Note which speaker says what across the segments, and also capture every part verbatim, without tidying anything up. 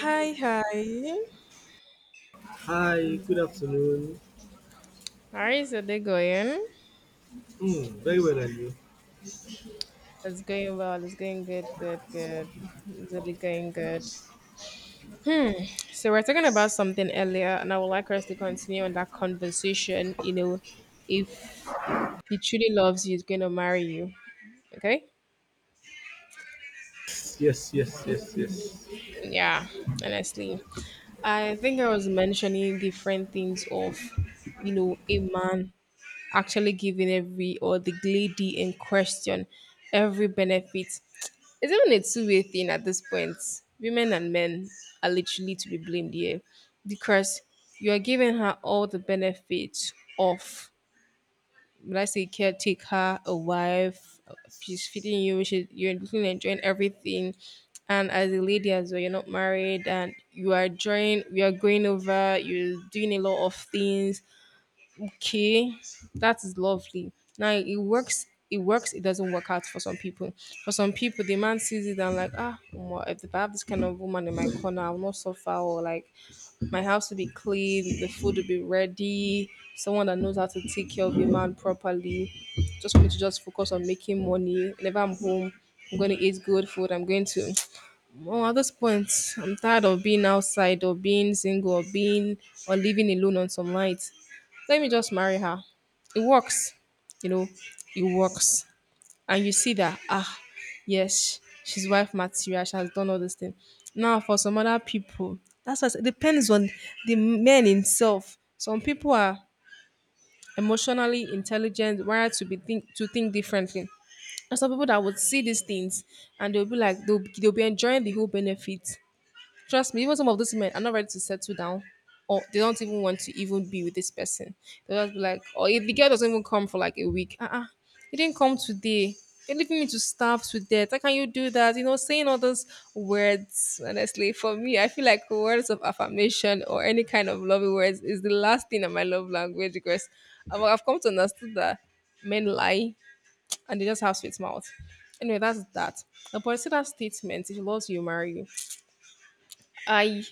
Speaker 1: Hi, hi.
Speaker 2: Hi, good afternoon.
Speaker 1: How is your day going?
Speaker 2: Mm, very well, and you?
Speaker 1: It's going well. It's going good, good, good. It's really going good. Hmm. So we're talking about something earlier, and I would like us to continue on that conversation. You know, if he truly loves you, he's going to marry you. Okay?
Speaker 2: Yes, yes, yes, yes.
Speaker 1: Yeah. Honestly, I think I was mentioning different things of, you know, a man actually giving every or the lady in question every benefit. It's even a two way thing at this point. Women and men are literally to be blamed here because you are giving her all the benefits of, let's say, caretaker, a wife, she's feeding you, she, you're looking enjoying everything. And as a lady as well, you're not married and you are enjoying, you are going over, you're doing a lot of things. Okay, that is lovely. Now it works. It works. It doesn't work out for some people. For some people, the man sees it and like, ah, omo, if I have this kind of woman in my corner, I will not suffer. Or like, my house will be clean, the food will be ready. Someone that knows how to take care of a man properly. Just for me to just focus on making money. Whenever I'm home, I'm going to eat good food. I'm going to. Well, at this point, I'm tired of being outside or being single or being or living alone on some nights, let me just marry her. It works, you know, it works. And you see that, ah, yes, she's wife material, she has done all this thing. Now, for some other people, that's what it depends on the man himself. Some people are emotionally intelligent, wired to be think to think differently. And some people that would see these things and they'll be like they'll, they'll be enjoying the whole benefit. Trust me, even some of those men are not ready to settle down, or they don't even want to even be with this person. They'll just be like, or if the girl doesn't even come for like a week, uh uh you didn't come today. You're leaving me to starve to death. How can you do that? You know, saying all those words, honestly, for me, I feel like words of affirmation or any kind of loving words is the last thing in my love language because I've I've come to understand that men lie and they just have sweet mouth. Anyway, that's that. But see that statement, if he loves you, marry you. I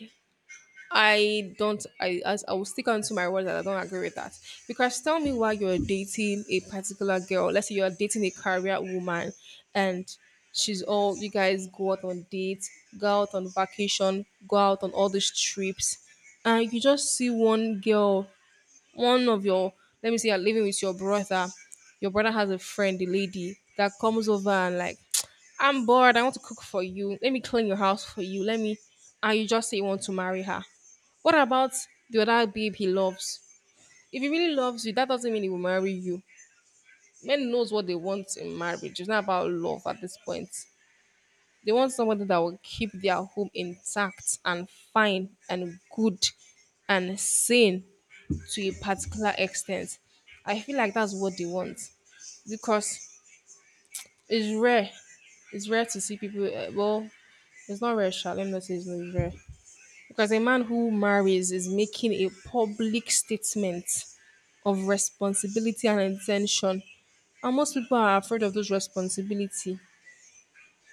Speaker 1: I don't. I as I will stick on to my words that I don't agree with that because tell me why you're dating a particular girl. Let's say you're dating a career woman, and she's all, you guys go out on dates, go out on vacation, go out on all these trips, and you just see one girl, one of your, let me say you're living with your brother, your brother has a friend, a lady that comes over and like, I'm bored, I want to cook for you, let me clean your house for you, let me, and you just say you want to marry her. What about the other babe he loves? If he really loves you, that doesn't mean he will marry you. Men knows what they want in marriage, it's not about love at this point. They want somebody that will keep their home intact and fine and good and sane to a particular extent. I feel like that's what they want because it's rare. It's rare to see people. Uh, well, it's not rare, sha. Let me not say it's not rare. Because a man who marries is making a public statement of responsibility and intention, and most people are afraid of those responsibility.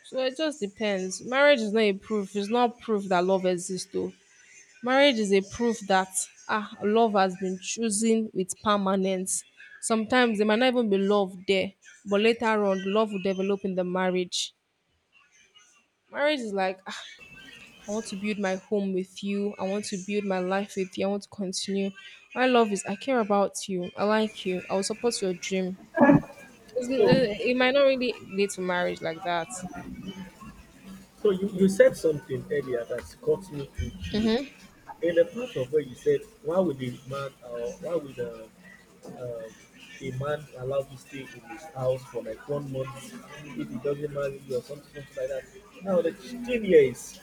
Speaker 1: So it just depends. Marriage is not a proof. It's not proof that love exists, though. Marriage is a proof that, ah, love has been chosen with permanence. Sometimes there might not even be love there, but later on, love will develop in the marriage. Marriage is like, ah, I want to build my home with you. I want to build my life with you. I want to continue. My love is, I care about you. I like you. I will support your dream. It's,
Speaker 2: So,
Speaker 1: n- it might not really lead to marriage like that.
Speaker 2: so you, you said something earlier that caught me in tune. In the part of where you said, why would a man, uh, why would uh, uh, a man allow you stay in his house for like one month if he doesn't marry you or something, something like that? Now the thing here is,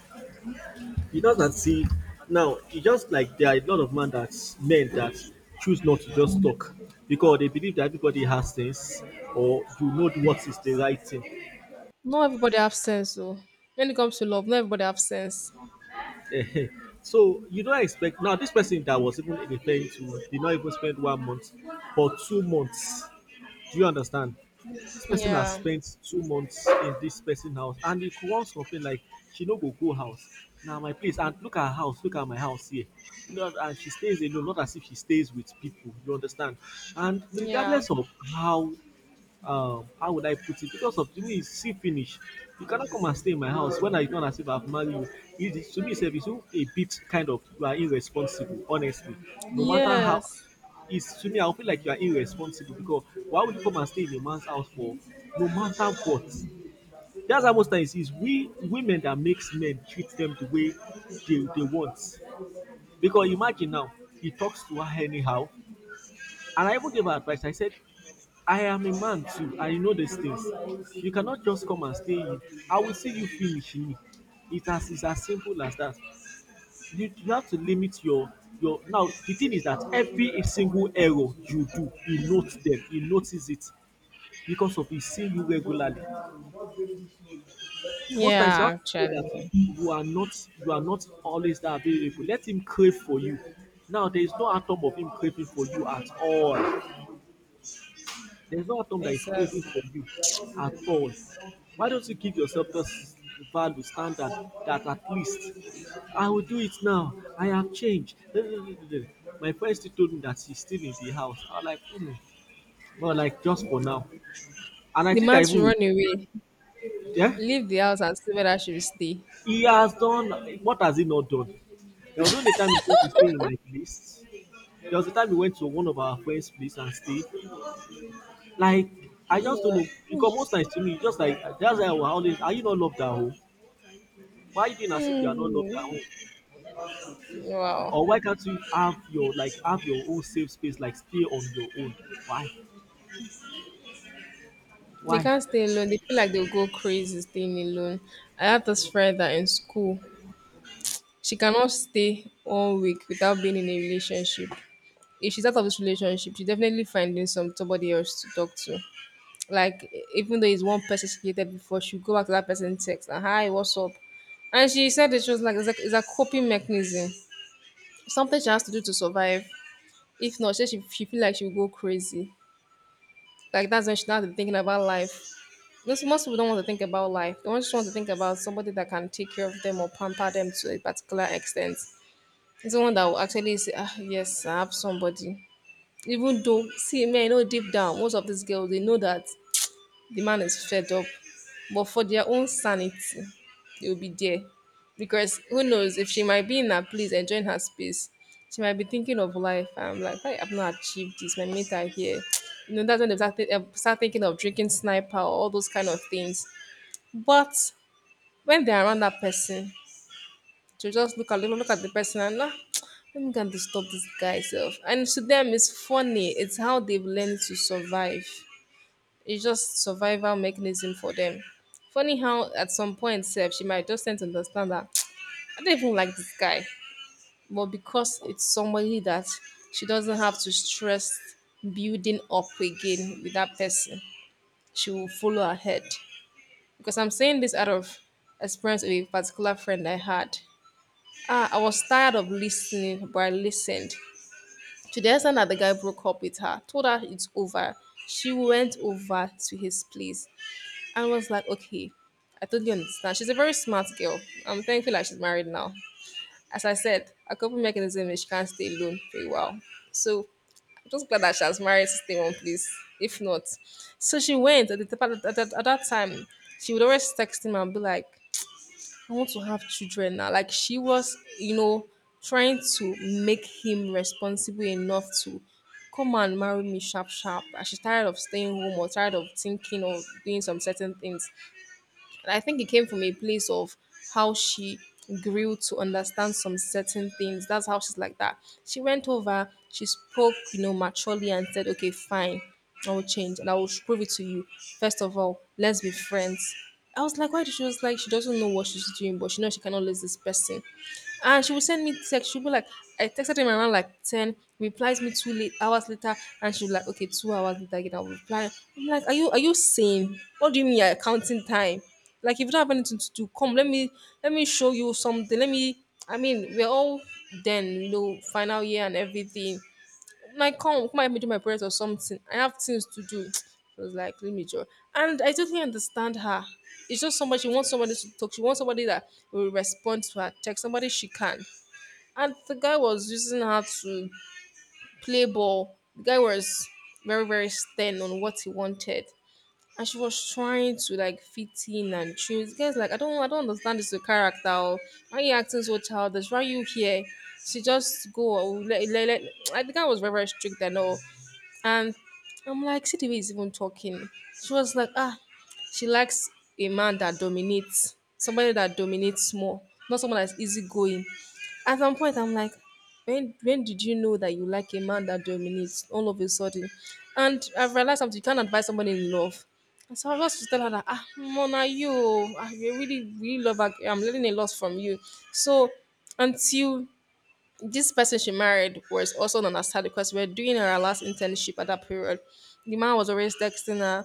Speaker 2: you know that see now it's just like there are a lot of men that men that choose not to just talk because they believe that everybody has things or you know what is the right thing.
Speaker 1: Not everybody have sense, though. When it comes to love, not everybody have sense.
Speaker 2: Ehen. So you don't expect now this person that was even in the pain to did not even spend one month or two months. Do you understand? This person has
Speaker 1: Yeah,
Speaker 2: spent two months in this person house and he could once complain like she no go go house. Now, my place and look at her house, look at my house here. You know, and she stays alone, not as if she stays with people. You understand? And
Speaker 1: yeah,
Speaker 2: regardless of how um how would I put it? Because of to me, it's see finish. You cannot come and stay in my house when I don't as if I've married you. It is, to me, self, it's a bit kind of you are irresponsible, honestly. No matter how,
Speaker 1: yes.
Speaker 2: it's to me, I feel like you are irresponsible because why would you come and stay in a man's house for no matter what? That's how most times is we women that makes men treat them the way they, they want. Because imagine now, he talks to her anyhow. And I even gave her advice. I said, I am a man too. I know these things. You cannot just come and stay. In. I will see you finish. Me. It has, it's as simple as that. You, you have to limit your your now the thing is that every single error you do, he notes them, he notices it because of he seeing you regularly. Most times
Speaker 1: Yeah,
Speaker 2: you have to know
Speaker 1: actually.
Speaker 2: that you are not you are not always that available. Let him crave for you. Now there is no atom of him craving for you at all. There's no atom that is craving
Speaker 1: Exactly.
Speaker 2: for you at all. Why don't you give yourself this value standard that at least I will do it now. I have changed. My friend still told me that she's still in the house. I was like, hmm, well, like just for now. And I
Speaker 1: The
Speaker 2: think I
Speaker 1: man should
Speaker 2: even
Speaker 1: run
Speaker 2: regret it.
Speaker 1: away,
Speaker 2: Yeah?
Speaker 1: leave the house and see whether she will stay.
Speaker 2: He has done, what has he not done? There was only time he came to stay in my place. There was a time he went to one of our friends' place and stayed. Like, I
Speaker 1: Yeah.
Speaker 2: just don't know because most times to me, it's just like that's why I will always, are you not loved at home? Why are you doing as if you are not loved at
Speaker 1: Hmm.
Speaker 2: home?
Speaker 1: Wow.
Speaker 2: Or why can't you have your like have your own safe space, like stay on your own? Why?
Speaker 1: They
Speaker 2: Why?
Speaker 1: can't stay alone. They feel like they'll go crazy staying alone. I had this friend that in school, she cannot stay one week without being in a relationship. If she's out of this relationship, she definitely finding some somebody else to talk to. Like even though it's one person she dated before, she'll go back to that person and text and hi, what's up? And she said it was like it's, like it's a coping mechanism, something she has to do to survive. If not, she she, she feel like she will go crazy. Like that's when she now be thinking about life. Most, most people don't want to think about life. They just want to think about somebody that can take care of them or pamper them to a particular extent. It's someone that will actually say, ah, yes, I have somebody. Even though, see, man, I know deep down, most of these girls, they know that the man is fed up. But for their own sanity, they'll be there. Because who knows, if she might be in her place enjoying her space, she might be thinking of life. I'm like, why I've not achieved this. My mates are here. You know, that's when they start, thi- eh, start thinking of drinking sniper or all those kind of things. But when they're around that person, to just look at look look at the person and ah, let me go and disturb this guy self. And to them, it's funny. It's how they've learned to survive. It's just survival mechanism for them. Funny how at some point self she might just tend to understand that, I don't even like this guy. But because it's somebody that she doesn't have to stress building up again with that person, she will follow ahead. Because I'm saying this out of experience with a particular friend I had. Ah, I was tired of listening, but I listened. To the extent that the guy broke up with her, told her it's over. She went over to his place and was like, okay, I totally understand. She's a very smart girl. I'm thankful that she's married now. As I said, a coping mechanism is she can't stay alone for a while. So I'm just glad that she has married to stay in one place. If not, so she went at, the, at, that, at that time. She would always text him and be like, I want to have children now. Like she was, you know, trying to make him responsible enough to come and marry me sharp sharp. And she's tired of staying home or tired of thinking or doing some certain things. And I think it came from a place of how she grew to understand some certain things. That's how she's like that. She went over, she spoke, you know, maturely and said, okay, fine, I will change and I will prove it to you. First of all, let's be friends. I was like, why? She was like, she doesn't know what she's doing, but she knows she cannot lose this person. And she would send me text. She'd be like, I texted him around like ten, replies me two late hours later, and she'd be like, okay, two hours later again, I'll reply. I'm like, are you are you sane? What do you mean you're counting time? Like if you don't have anything to do, come let me let me show you something. Let me, I mean, we're all then, you know, final year and everything. Like come, come help me do my parents or something. I have things to do. It was like, let me joy. And I totally understand her. It's just somebody, she wants somebody to talk. She wants somebody that will respond to her text, somebody she can. And the guy was using her to play ball. The guy was very, very stern on what he wanted and she was trying to like fit in and she was guys like, I don't I don't understand this your character. Oh. Why you acting so childish? Why you here? She just go. Oh, let, let, let. Like, the guy was very very strict and all. And I'm like, see the way he's even talking. She was like, ah, she likes a man that dominates, somebody that dominates more, not someone that's easygoing. At some point, I'm like, when when did you know that you like a man that dominates all of a sudden? And I've realized something, you can't advise somebody in love. And so I was to tell her that, ah, Mona, you, I really, really love her. I'm learning a lot from you. So until this person she married was also known as her because we are doing our last internship at that period. The man was always texting her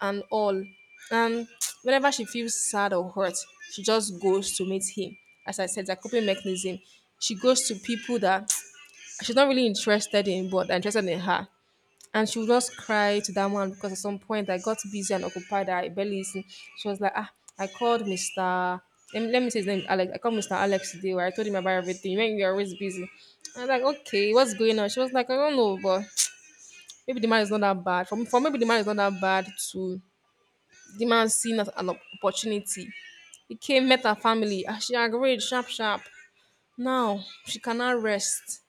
Speaker 1: and all. And whenever she feels sad or hurt, she just goes to meet him. As I said, it's a coping mechanism. She goes to people that she's not really interested in, but are interested in her. And she would just cry to that man because at some point I got busy and occupied. I barely listened. She was like, ah, I called mister Let me, let me say his name, Alex. I called mister Alex today where I told him about everything. You know, you're always busy. I was like, okay, what's going on? She was like, I don't know, but maybe the man is not that bad. For, for maybe the man is not that bad to the man seen as an opportunity. He came, met her family. Ah, she agreed, sharp, sharp. Now she cannot rest.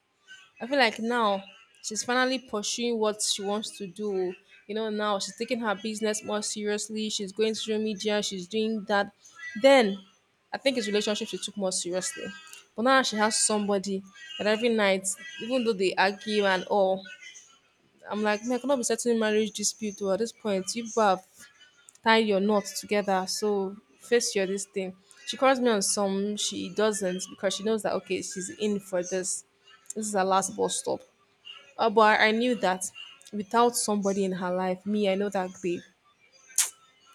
Speaker 1: I feel like now she's finally pursuing what she wants to do. You know, now she's taking her business more seriously. She's going through media. She's doing that. Then, I think it's relationship she took more seriously. But now she has somebody that every night, even though they argue and all, I'm like, man, I cannot be settling marriage dispute. Or at this point, you people have tied your knots together. So face your this thing. She calls me on some. She doesn't because she knows that okay, she's in for this. This is her last bus stop uh, but I, I knew that without somebody in her life, me, I know that babe,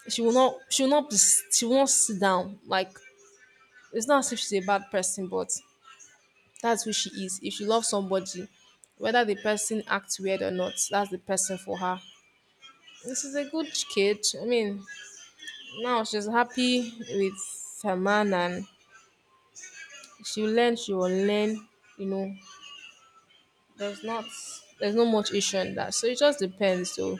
Speaker 1: she will not, she will not, be, she will not sit down. Like it's not as if she's a bad person, but that's who she is. If she loves somebody, whether the person acts weird or not, that's the person for her. This is a good kid. I mean, now she's happy with her man, and she will learn. She will learn. You know, there's not, there's no much issue in that. So it just depends. So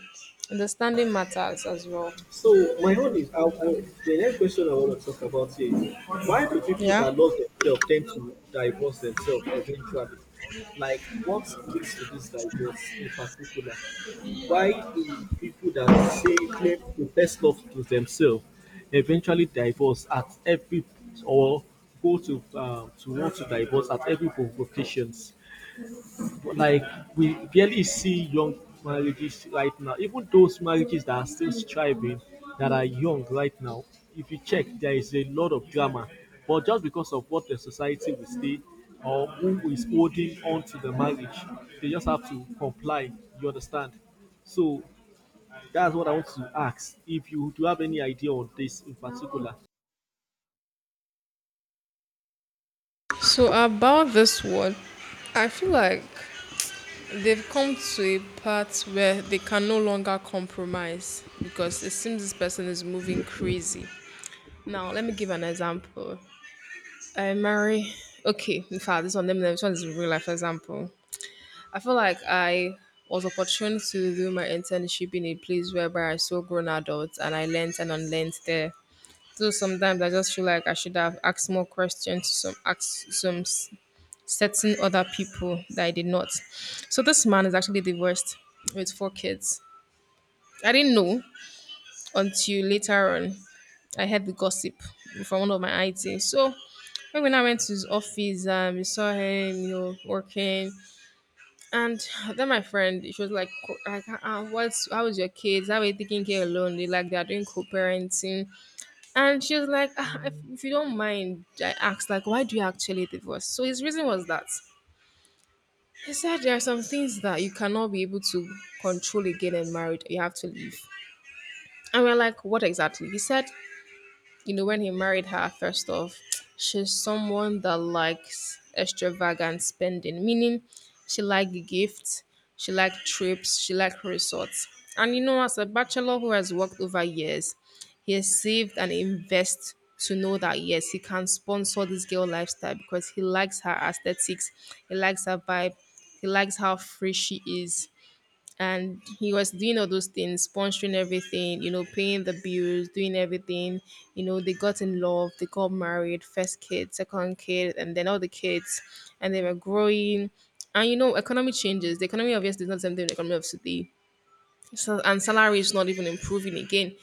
Speaker 1: understanding matters as well.
Speaker 2: So my own is I, I, the next question I want to talk about is why do people
Speaker 1: Yeah.
Speaker 2: that love themselves tend to divorce themselves eventually? Like what leads to this divorce in particular? Why do people that say claim the best love to themselves eventually divorce at every or go to um, to want to divorce at every provocations? Like we barely see young marriages right now. Even those marriages that are still striving that are young right now, if you check there is a lot of drama, but just because of what the society will say or who is holding on to the marriage, they just have to comply, you understand. So that's what I want to ask, if you do have any idea on this in particular.
Speaker 1: So about this one, I feel like they've come to a part where they can no longer compromise because it seems this person is moving crazy. Now let me give an example. I marry okay, in fact this one let me this one is a real life example. I feel like I was opportune to do my internship in a place whereby I saw grown adults and I learned and unlearned there. So sometimes I just feel like I should have asked more questions to some ask some certain other people that I did not. So this man is actually divorced with four kids. I didn't know until later on. I heard the gossip from one of my I T. So when I went to his office, um, we saw him, you know, working. And then my friend, she was like, co- like uh, uh, what's, how is your kids? How are you taking care alone? They like, they're doing co-parenting. And she was like, ah, if, if you don't mind, I asked, like, why do you actually divorce? So his reason was that he said there are some things that you cannot be able to control again and married. You have to leave. And we're like, what exactly? He said, you know, when he married her, first off, she's someone that likes extravagant spending, meaning she likes gifts, she likes trips, she likes resorts. And you know, as a bachelor who has worked over years, he has saved and invest to know that yes, he can sponsor this girl lifestyle because he likes her aesthetics, he likes her vibe, he likes how free she is, and he was doing all those things, sponsoring everything, you know, paying the bills, doing everything. You know, they got in love, they got married, first kid, second kid, and then all the kids, and they were growing. And you know, economy changes. The economy obviously is not the same thing, the economy of today. So, and salary is not even improving again.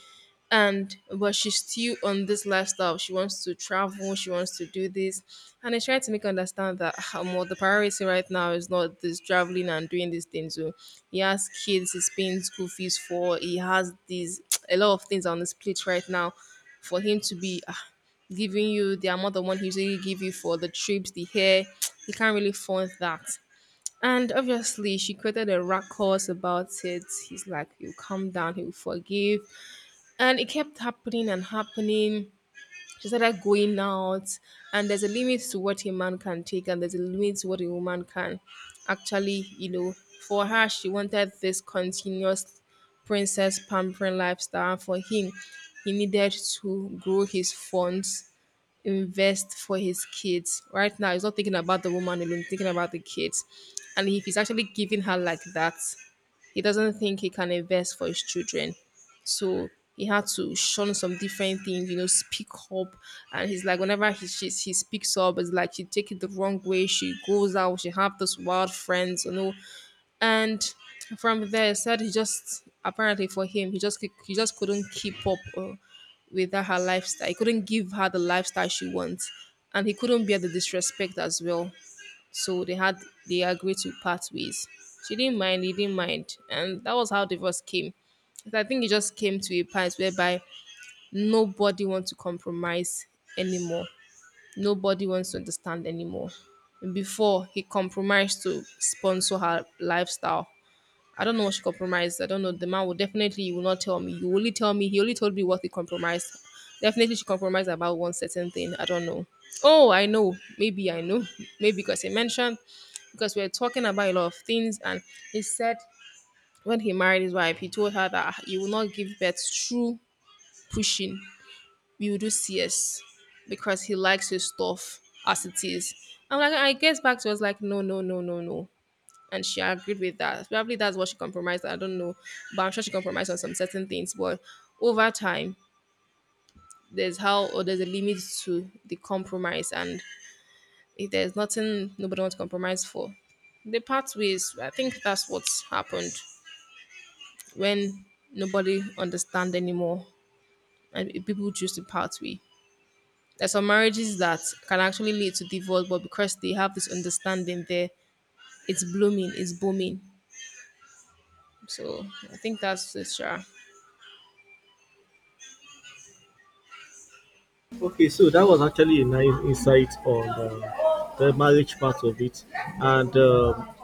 Speaker 1: And but she's still on this lifestyle. She wants to travel, she wants to do this, and I try to make her understand that um, well, the priority right now is not this traveling and doing these things. So he has kids he's paying school fees for. He has these a lot of things on his plate right now for him to be ah, giving you the amount of money he usually give you for the trips, the hair. He can't really fund that. And obviously, she created a ruckus about it. He's like, he'll calm down, he'll forgive. And it kept happening and happening. She started going out, and there's a limit to what a man can take, and there's a limit to what a woman can actually, you know. For her, she wanted this continuous princess pampering lifestyle. For him, he needed to grow his funds, invest for his kids. Right now, he's not thinking about the woman alone, he's thinking about the kids. And if he's actually giving her like that, he doesn't think he can invest for his children. So he had to shun some different things, you know, speak up. And he's like, whenever he she, he speaks up, it's like she take it the wrong way. She goes out. She have those wild friends, you know, and from there he said he just apparently for him he just he just couldn't keep up uh, with that, her lifestyle. He couldn't give her the lifestyle she wants, and he couldn't bear the disrespect as well. So they had they agreed to part ways. She didn't mind, he didn't mind, and that was how divorce came. But I think it just came to a point whereby nobody wants to compromise anymore, nobody wants to understand anymore. Before he compromised to sponsor her lifestyle, I don't know what she compromised. I don't know. The man will definitely will not tell me. He will only tell me. He only told me what he compromised. Definitely, she compromised about one certain thing. I don't know. Oh, I know. Maybe I know. Maybe because he mentioned, because we were talking about a lot of things, and he said when he married his wife, he told her that he will not give birth through pushing. We will do C S because he likes his stuff as it is. I'm like, I guess back to us like, no, no, no, no, no, and she agreed with that. Probably that's what she compromised. I don't know, but I'm sure she compromised on some certain things. But over time, there's how or there's a limit to the compromise, and if there's nothing nobody wants to compromise for, the part ways. I think that's what's happened when nobody understand anymore, and people choose to part pathway. There's some marriages that can actually lead to divorce, but because they have this understanding there, it's blooming, it's booming. So I think that's it. Sure.
Speaker 2: Okay, so that was actually a nice insight on uh, the marriage part of it. And um,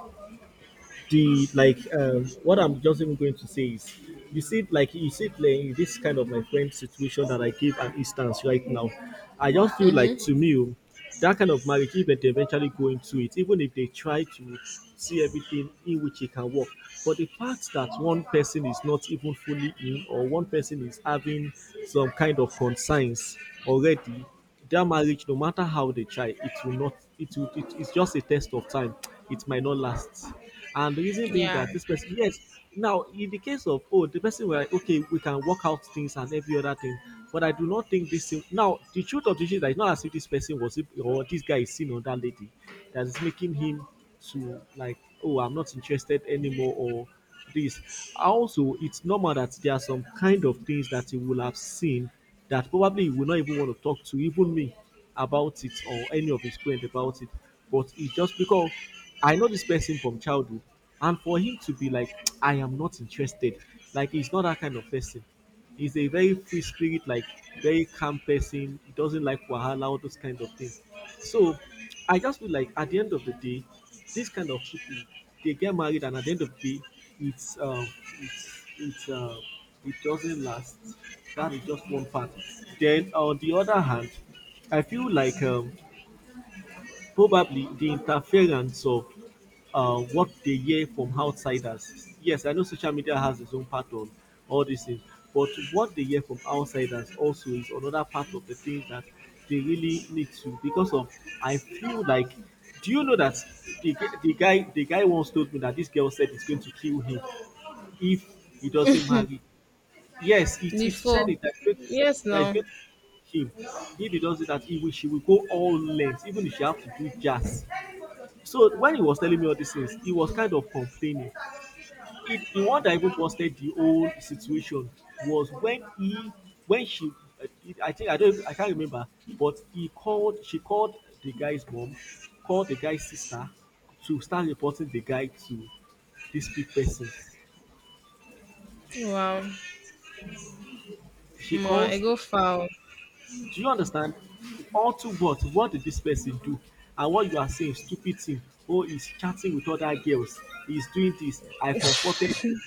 Speaker 2: the like um, what I'm just even going to say is you see it like you see it like in this kind of my friend situation that I give an instance right now. I just feel like
Speaker 1: Mm-hmm.
Speaker 2: to me, oh, that kind of marriage even they eventually go into it, even if they try to see everything in which it can work. But the fact that one person is not even fully in or one person is having some kind of concerns already, that marriage, no matter how they try, it will not. It will. It, it's just a test of time. It might not last. And the reason being
Speaker 1: Yeah.
Speaker 2: that this person, yes. Now, in the case of, oh, the person were like, okay, we can work out things and every other thing, but I do not think this thing. Now, the truth of the issue is that it's not as if this person was or this guy is seen on that lady, that is making him to like, oh, I'm not interested anymore or this. Also, it's normal that there are some kind of things that he will have seen that probably he will not even want to talk to even me about it or any of his friends about it. But it's just because I know this person from childhood, and for him to be like, I am not interested, like he's not that kind of person. He's a very free spirit, like very calm person. He doesn't like wahala, all those kind of things. So I just feel like at the end of the day, this kind of people they get married, and at the end of the day, it's um, it's it's uh, it doesn't last. That is just one part. Then on the other hand, I feel like um, probably the interference of uh, what they hear from outsiders. Yes, I know social media has its own part on all these things, but what they hear from outsiders also is another part of the things that they really need to. Because of, I feel like, do you know that the, the guy the guy once told me that this girl said it's going to kill him if he doesn't marry. Yes, it, it said
Speaker 1: Before,
Speaker 2: it that great.
Speaker 1: yes,
Speaker 2: That is
Speaker 1: now,
Speaker 2: great him. If he does it that he will she will go all lengths, even if she have to do jazz. So when he was telling me all these things, he was kind of complaining. It, the one that even posted the whole situation was when he when she uh, it- I think I don't I can't remember, but he called she called the guy's mom, called the guy's sister to start reporting the guy to these big persons.
Speaker 1: wow,
Speaker 2: She
Speaker 1: more I
Speaker 2: calls
Speaker 1: go
Speaker 2: this.
Speaker 1: far.
Speaker 2: Do you understand? All to what? What did this person do? And what you are saying, stupid thing. Oh, he's chatting with other girls. He's doing this. I comforted him.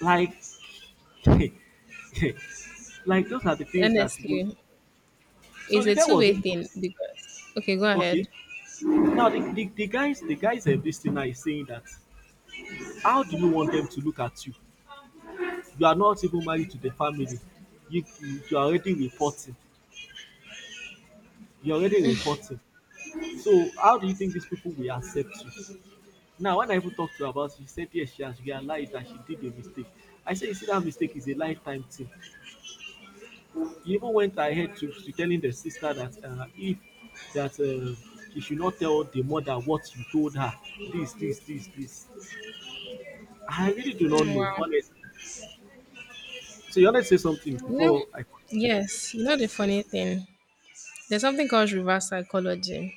Speaker 2: Like, like those are the things that would.
Speaker 1: Honestly,
Speaker 2: So
Speaker 1: it's
Speaker 2: the
Speaker 1: a
Speaker 2: guy was
Speaker 1: two-way
Speaker 2: not.
Speaker 1: thing because okay, go
Speaker 2: Okay.
Speaker 1: ahead.
Speaker 2: Now the, the, the guys, the guys at this thing now is saying that how do you want them to look at you? You are not even married to the family. You you are already reporting. You're already reporting. So how do you think these people will accept you? Now when I even talked to her about it she said yes she has realised that she did a mistake. I say you see dat mistake is a lifetime thing. He even went ahead to, to telling the sister that uh, if that uh, she should not tell the mother what you told her, this this this this. I really do not
Speaker 1: Mm.
Speaker 2: know,
Speaker 1: Wow,
Speaker 2: honestly. So you want to say something
Speaker 1: you know,
Speaker 2: before I.
Speaker 1: yes, you know the funny thing. There's something called reverse psychology.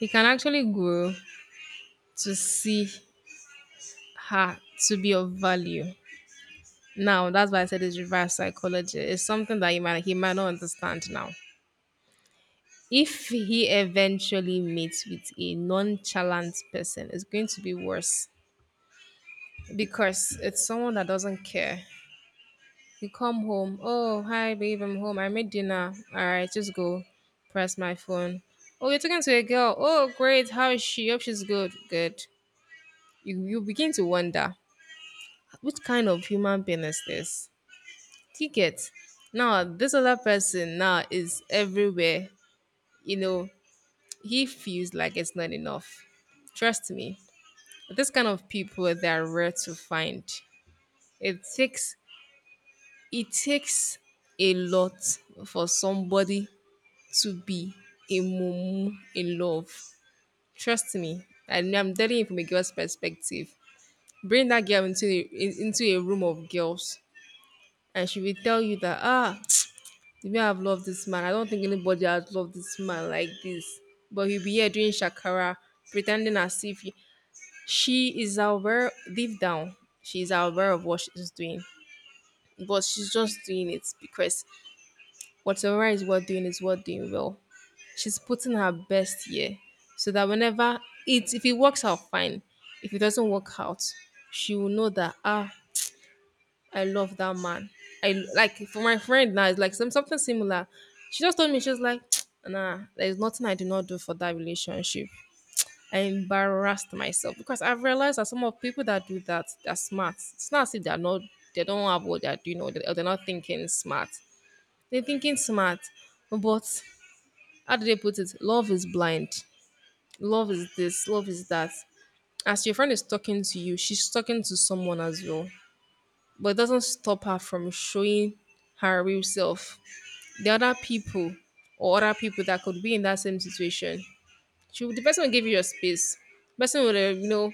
Speaker 1: It can actually grow to see her to be of value. Now, that's why I said it's reverse psychology. It's something that he might he might not understand now. If he eventually meets with a nonchalant person, it's going to be worse because it's someone that doesn't care. You come home, oh, hi, babe, I'm home. I made dinner. All right, just go. Press my phone. Oh, you're talking to a girl. Oh, great. How is she? Hope she's good. Good. You, you begin to wonder, which kind of human being is this? Ticket. Now, this other person now is everywhere. You know, he feels like it's not enough. Trust me, this kind of people, they are rare to find. It takes It takes a lot for somebody to be a mumu in love. Trust me, and I'm telling you from a girl's perspective. Bring that girl into a, in- into a room of girls, and she will tell you that ah, the way I've loved this man, I don't think anybody has loved this man like this. But he'll be here doing shakara, pretending as if he- she is aware deep down, she is aware of what she's doing, but she's just doing it because whatever is worth doing is worth doing well. She's putting her best here so that whenever it if it works out fine, if it doesn't work out, she will know that ah, I love that man. I like for my friend now, it's like some something similar. She just told me. She was like, nah, there's nothing I do not do for that relationship. I embarrassed myself because I've realized that some of people that do that, they're smart. It's not as if they're not they don't have what they're doing or they- or they're not thinking smart. They're thinking smart, but how do they put it? Love is blind. Love is this. Love is that. As your friend is talking to you, she's talking to someone as well. But it doesn't stop her from showing her real self. The other people or other people that could be in that same situation. She The person will give you your space. Person will, uh, you know,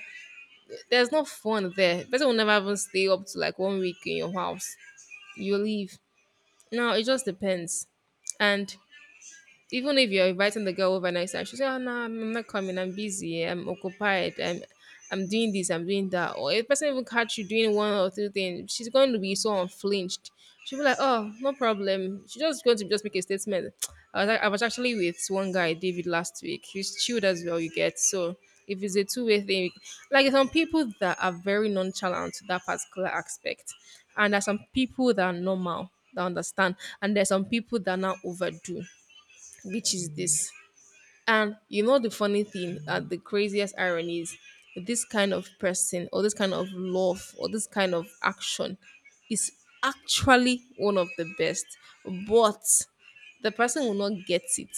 Speaker 1: there's no fun there. Person will never even stay up to like one week in your house. You leave. Now it just depends. And even if you're inviting the girl over next time, she'll say, "Oh no, I'm I'm not coming, I'm busy, I'm occupied, I'm I'm doing this, I'm doing that." Or if the person even catch you doing one or two things, she's going to be so unflinched. She'll be like, "Oh, no problem." She's just going to just make a statement. I was, ac- I was actually with one guy, David, last week. He's chilled as well, you get. So if it's a two-way thing, like some people that are very nonchalant to that particular aspect. And there's some people that are normal, that understand. And there's some people that now overdo, which is this. And you know the funny thing, that the craziest irony is this kind of person or this kind of love or this kind of action is actually one of the best. But the person will not get it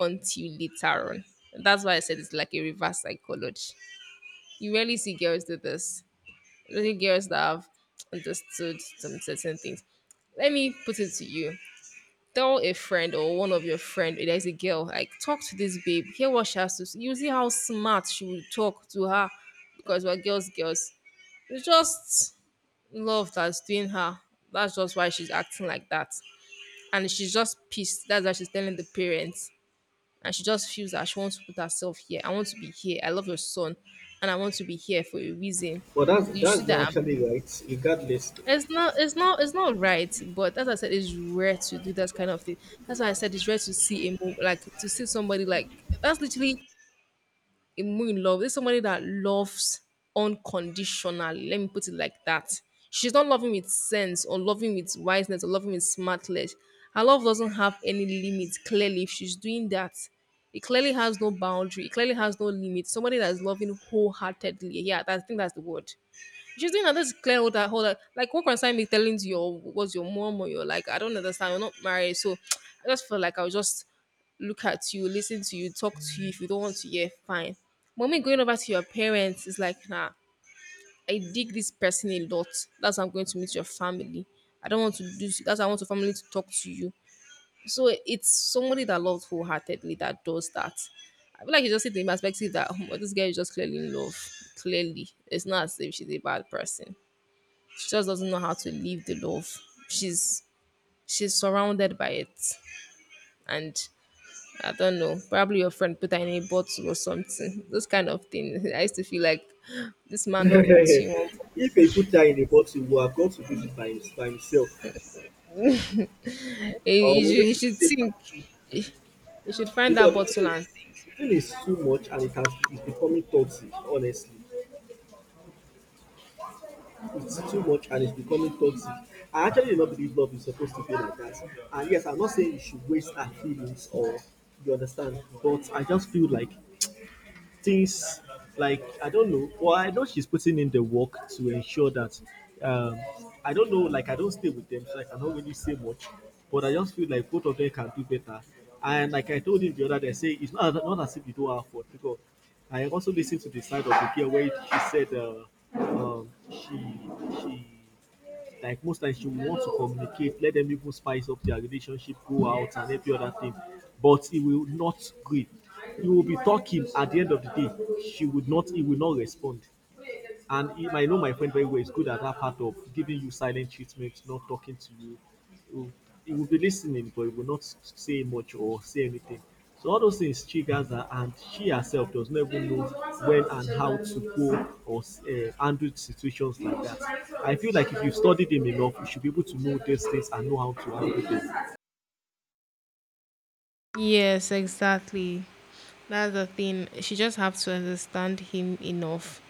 Speaker 1: until later on. That's why I said it's like a reverse psychology. You rarely see girls do this. Really girls that have understood some certain things. Let me put it to you, tell a friend or one of your friend, "Hey, there's a girl like, talk to this babe, hear what she has to say, you see how smart, she will talk to her because we're girls. Girls, it's just love that's doing her, that's just why she's acting like that, and she's just pissed, that's why she's telling the parents, and she just feels that she wants to put herself here. I want to be here, I love your son, and I want to be here for a reason."
Speaker 2: But that's
Speaker 1: You see
Speaker 2: that's not
Speaker 1: that?
Speaker 2: actually right, regardless.
Speaker 1: It's not it's not it's not right, but as I said, it's rare to do that kind of thing. That's why I said it's rare to see a move, like to see somebody like that's literally a move in love. There's somebody that loves unconditionally. Let me put it like that. She's not loving with sense or loving with wiseness or loving with smartness. Her love doesn't have any limit, clearly, if she's doing that. It clearly has no boundary, it clearly has no limit. Somebody that's loving wholeheartedly. Yeah, that, I think that's the word. She's doing another clear hold that, hold that, like, what concern me telling to your was your mom or your, like I don't understand, you're not married. So I just feel like I'll just look at you, listen to you, talk to you. If you don't want to, yeah, fine. Mommy going over to your parents is like, nah, I dig this person a lot. That's how I'm going to meet your family. I don't want to do that's how I want your family to talk to you. So it's somebody that loves wholeheartedly that does that. I feel like you just see the perspective that, oh, this girl is just clearly in love. Clearly, it's not as if she's a bad person, she just doesn't know how to live the love. She's she's surrounded by it, and I don't know. Probably your friend put her in a bottle or something. Those kind of things. I used to feel like this man don't put you on.
Speaker 2: If a put her in a bottle, he will have got to do it by, him- by himself. Or
Speaker 1: He, he
Speaker 2: maybe
Speaker 1: should, he
Speaker 2: we should
Speaker 1: should
Speaker 2: say.
Speaker 1: think. He should find
Speaker 2: Because
Speaker 1: that
Speaker 2: the
Speaker 1: bottle
Speaker 2: thing,
Speaker 1: and
Speaker 2: the thing is too much and it has, it's becoming toxic, honestly. It's too much and it's becoming toxic. I actually do not believe love is supposed to be like that. And yes, I'm not saying you should waste our feelings or you understand, but I just feel like things, like I don't know. Well, I know she's putting in the work to ensure that. Um, I don't know. Like I don't stay with them, so I cannot really say much. But I just feel like both of them can do better. And like I told him the other day, I say it's not, not as if you don't have fault because I also listened to the side of the girl where she said uh, um, she she like most times you want to communicate, let them even spice up their relationship, go out and every other thing. But he will not agree. You will be talking at the end of the day. She would not, he will not respond. And he might know my friend very well. He's good at that part of giving you silent treatment, not talking to you. He will- He will be listening, but he will not say much or say anything. So all those things triggers her, and she herself does not even know when and how to go or uh, handle situations like that. I feel like if you have studied him enough, you should be able to know these things and know how to handle them.
Speaker 1: yes, exactly. That's the thing. She just have to understand him enough.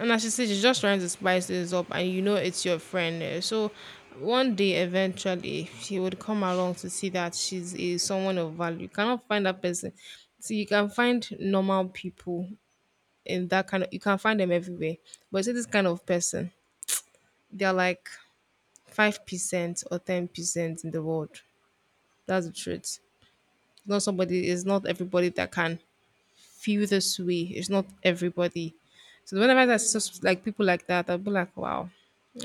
Speaker 1: And as she said, she's just trying to spice this up, and you know it's your friend. eh, So one day, eventually, she would come along to see that she's is someone of value. You cannot find that person. See, you can find normal people in that kind of. You can find them everywhere, but see this kind of person, they're like five percent or ten percent in the world. That's the truth. It's not somebody. It's not everybody that can feel this way. It's not everybody. So whenever that's just like people like that, I'll be like, wow.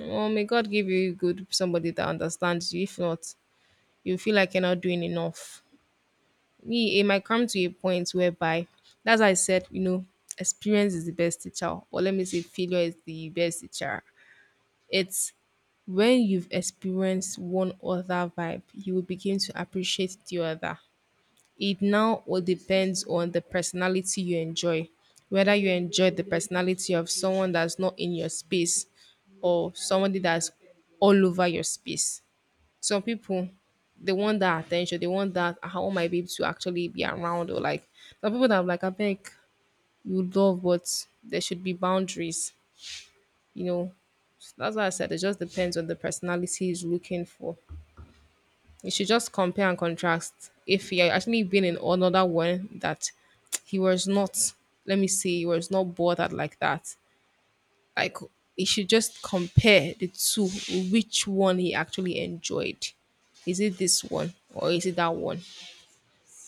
Speaker 1: Oh, may God give you good somebody that understands you. If not, you feel like you're not doing enough. Me, it might come to a point whereby, as I said, you know, experience is the best teacher, or let me say, failure is the best teacher. It's when you've experienced one other vibe, you will begin to appreciate the other. It now all depends on the personality you enjoy, whether you enjoy the personality of someone that's not in your space or somebody that's all over your space. Some people they want that attention, they want that, how am I be able to actually be around, or like some people that are like, I beg, you love but there should be boundaries, you know. So that's why I said it just depends on the personality is looking for. You should just compare and contrast. If he had actually been in another one that he was not, let me say, he was not bothered like that. Like he should just compare the two, which one he actually enjoyed. Is it this one or is it that one?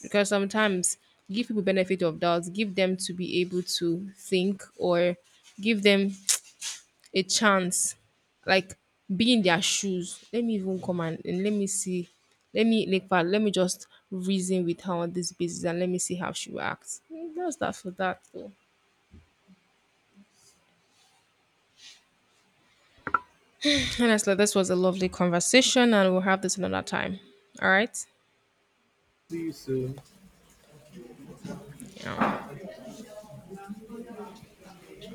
Speaker 1: Because sometimes give people benefit of doubts, give them to be able to think or give them a chance, like be in their shoes. Let me even come and, and let me see. Let me like fa- let me just reason with her on this basis and let me see how she will act. Mm, that's that for that though. Honestly, this was a lovely conversation and we'll have this another time. All right?
Speaker 2: See you soon.
Speaker 1: Yeah.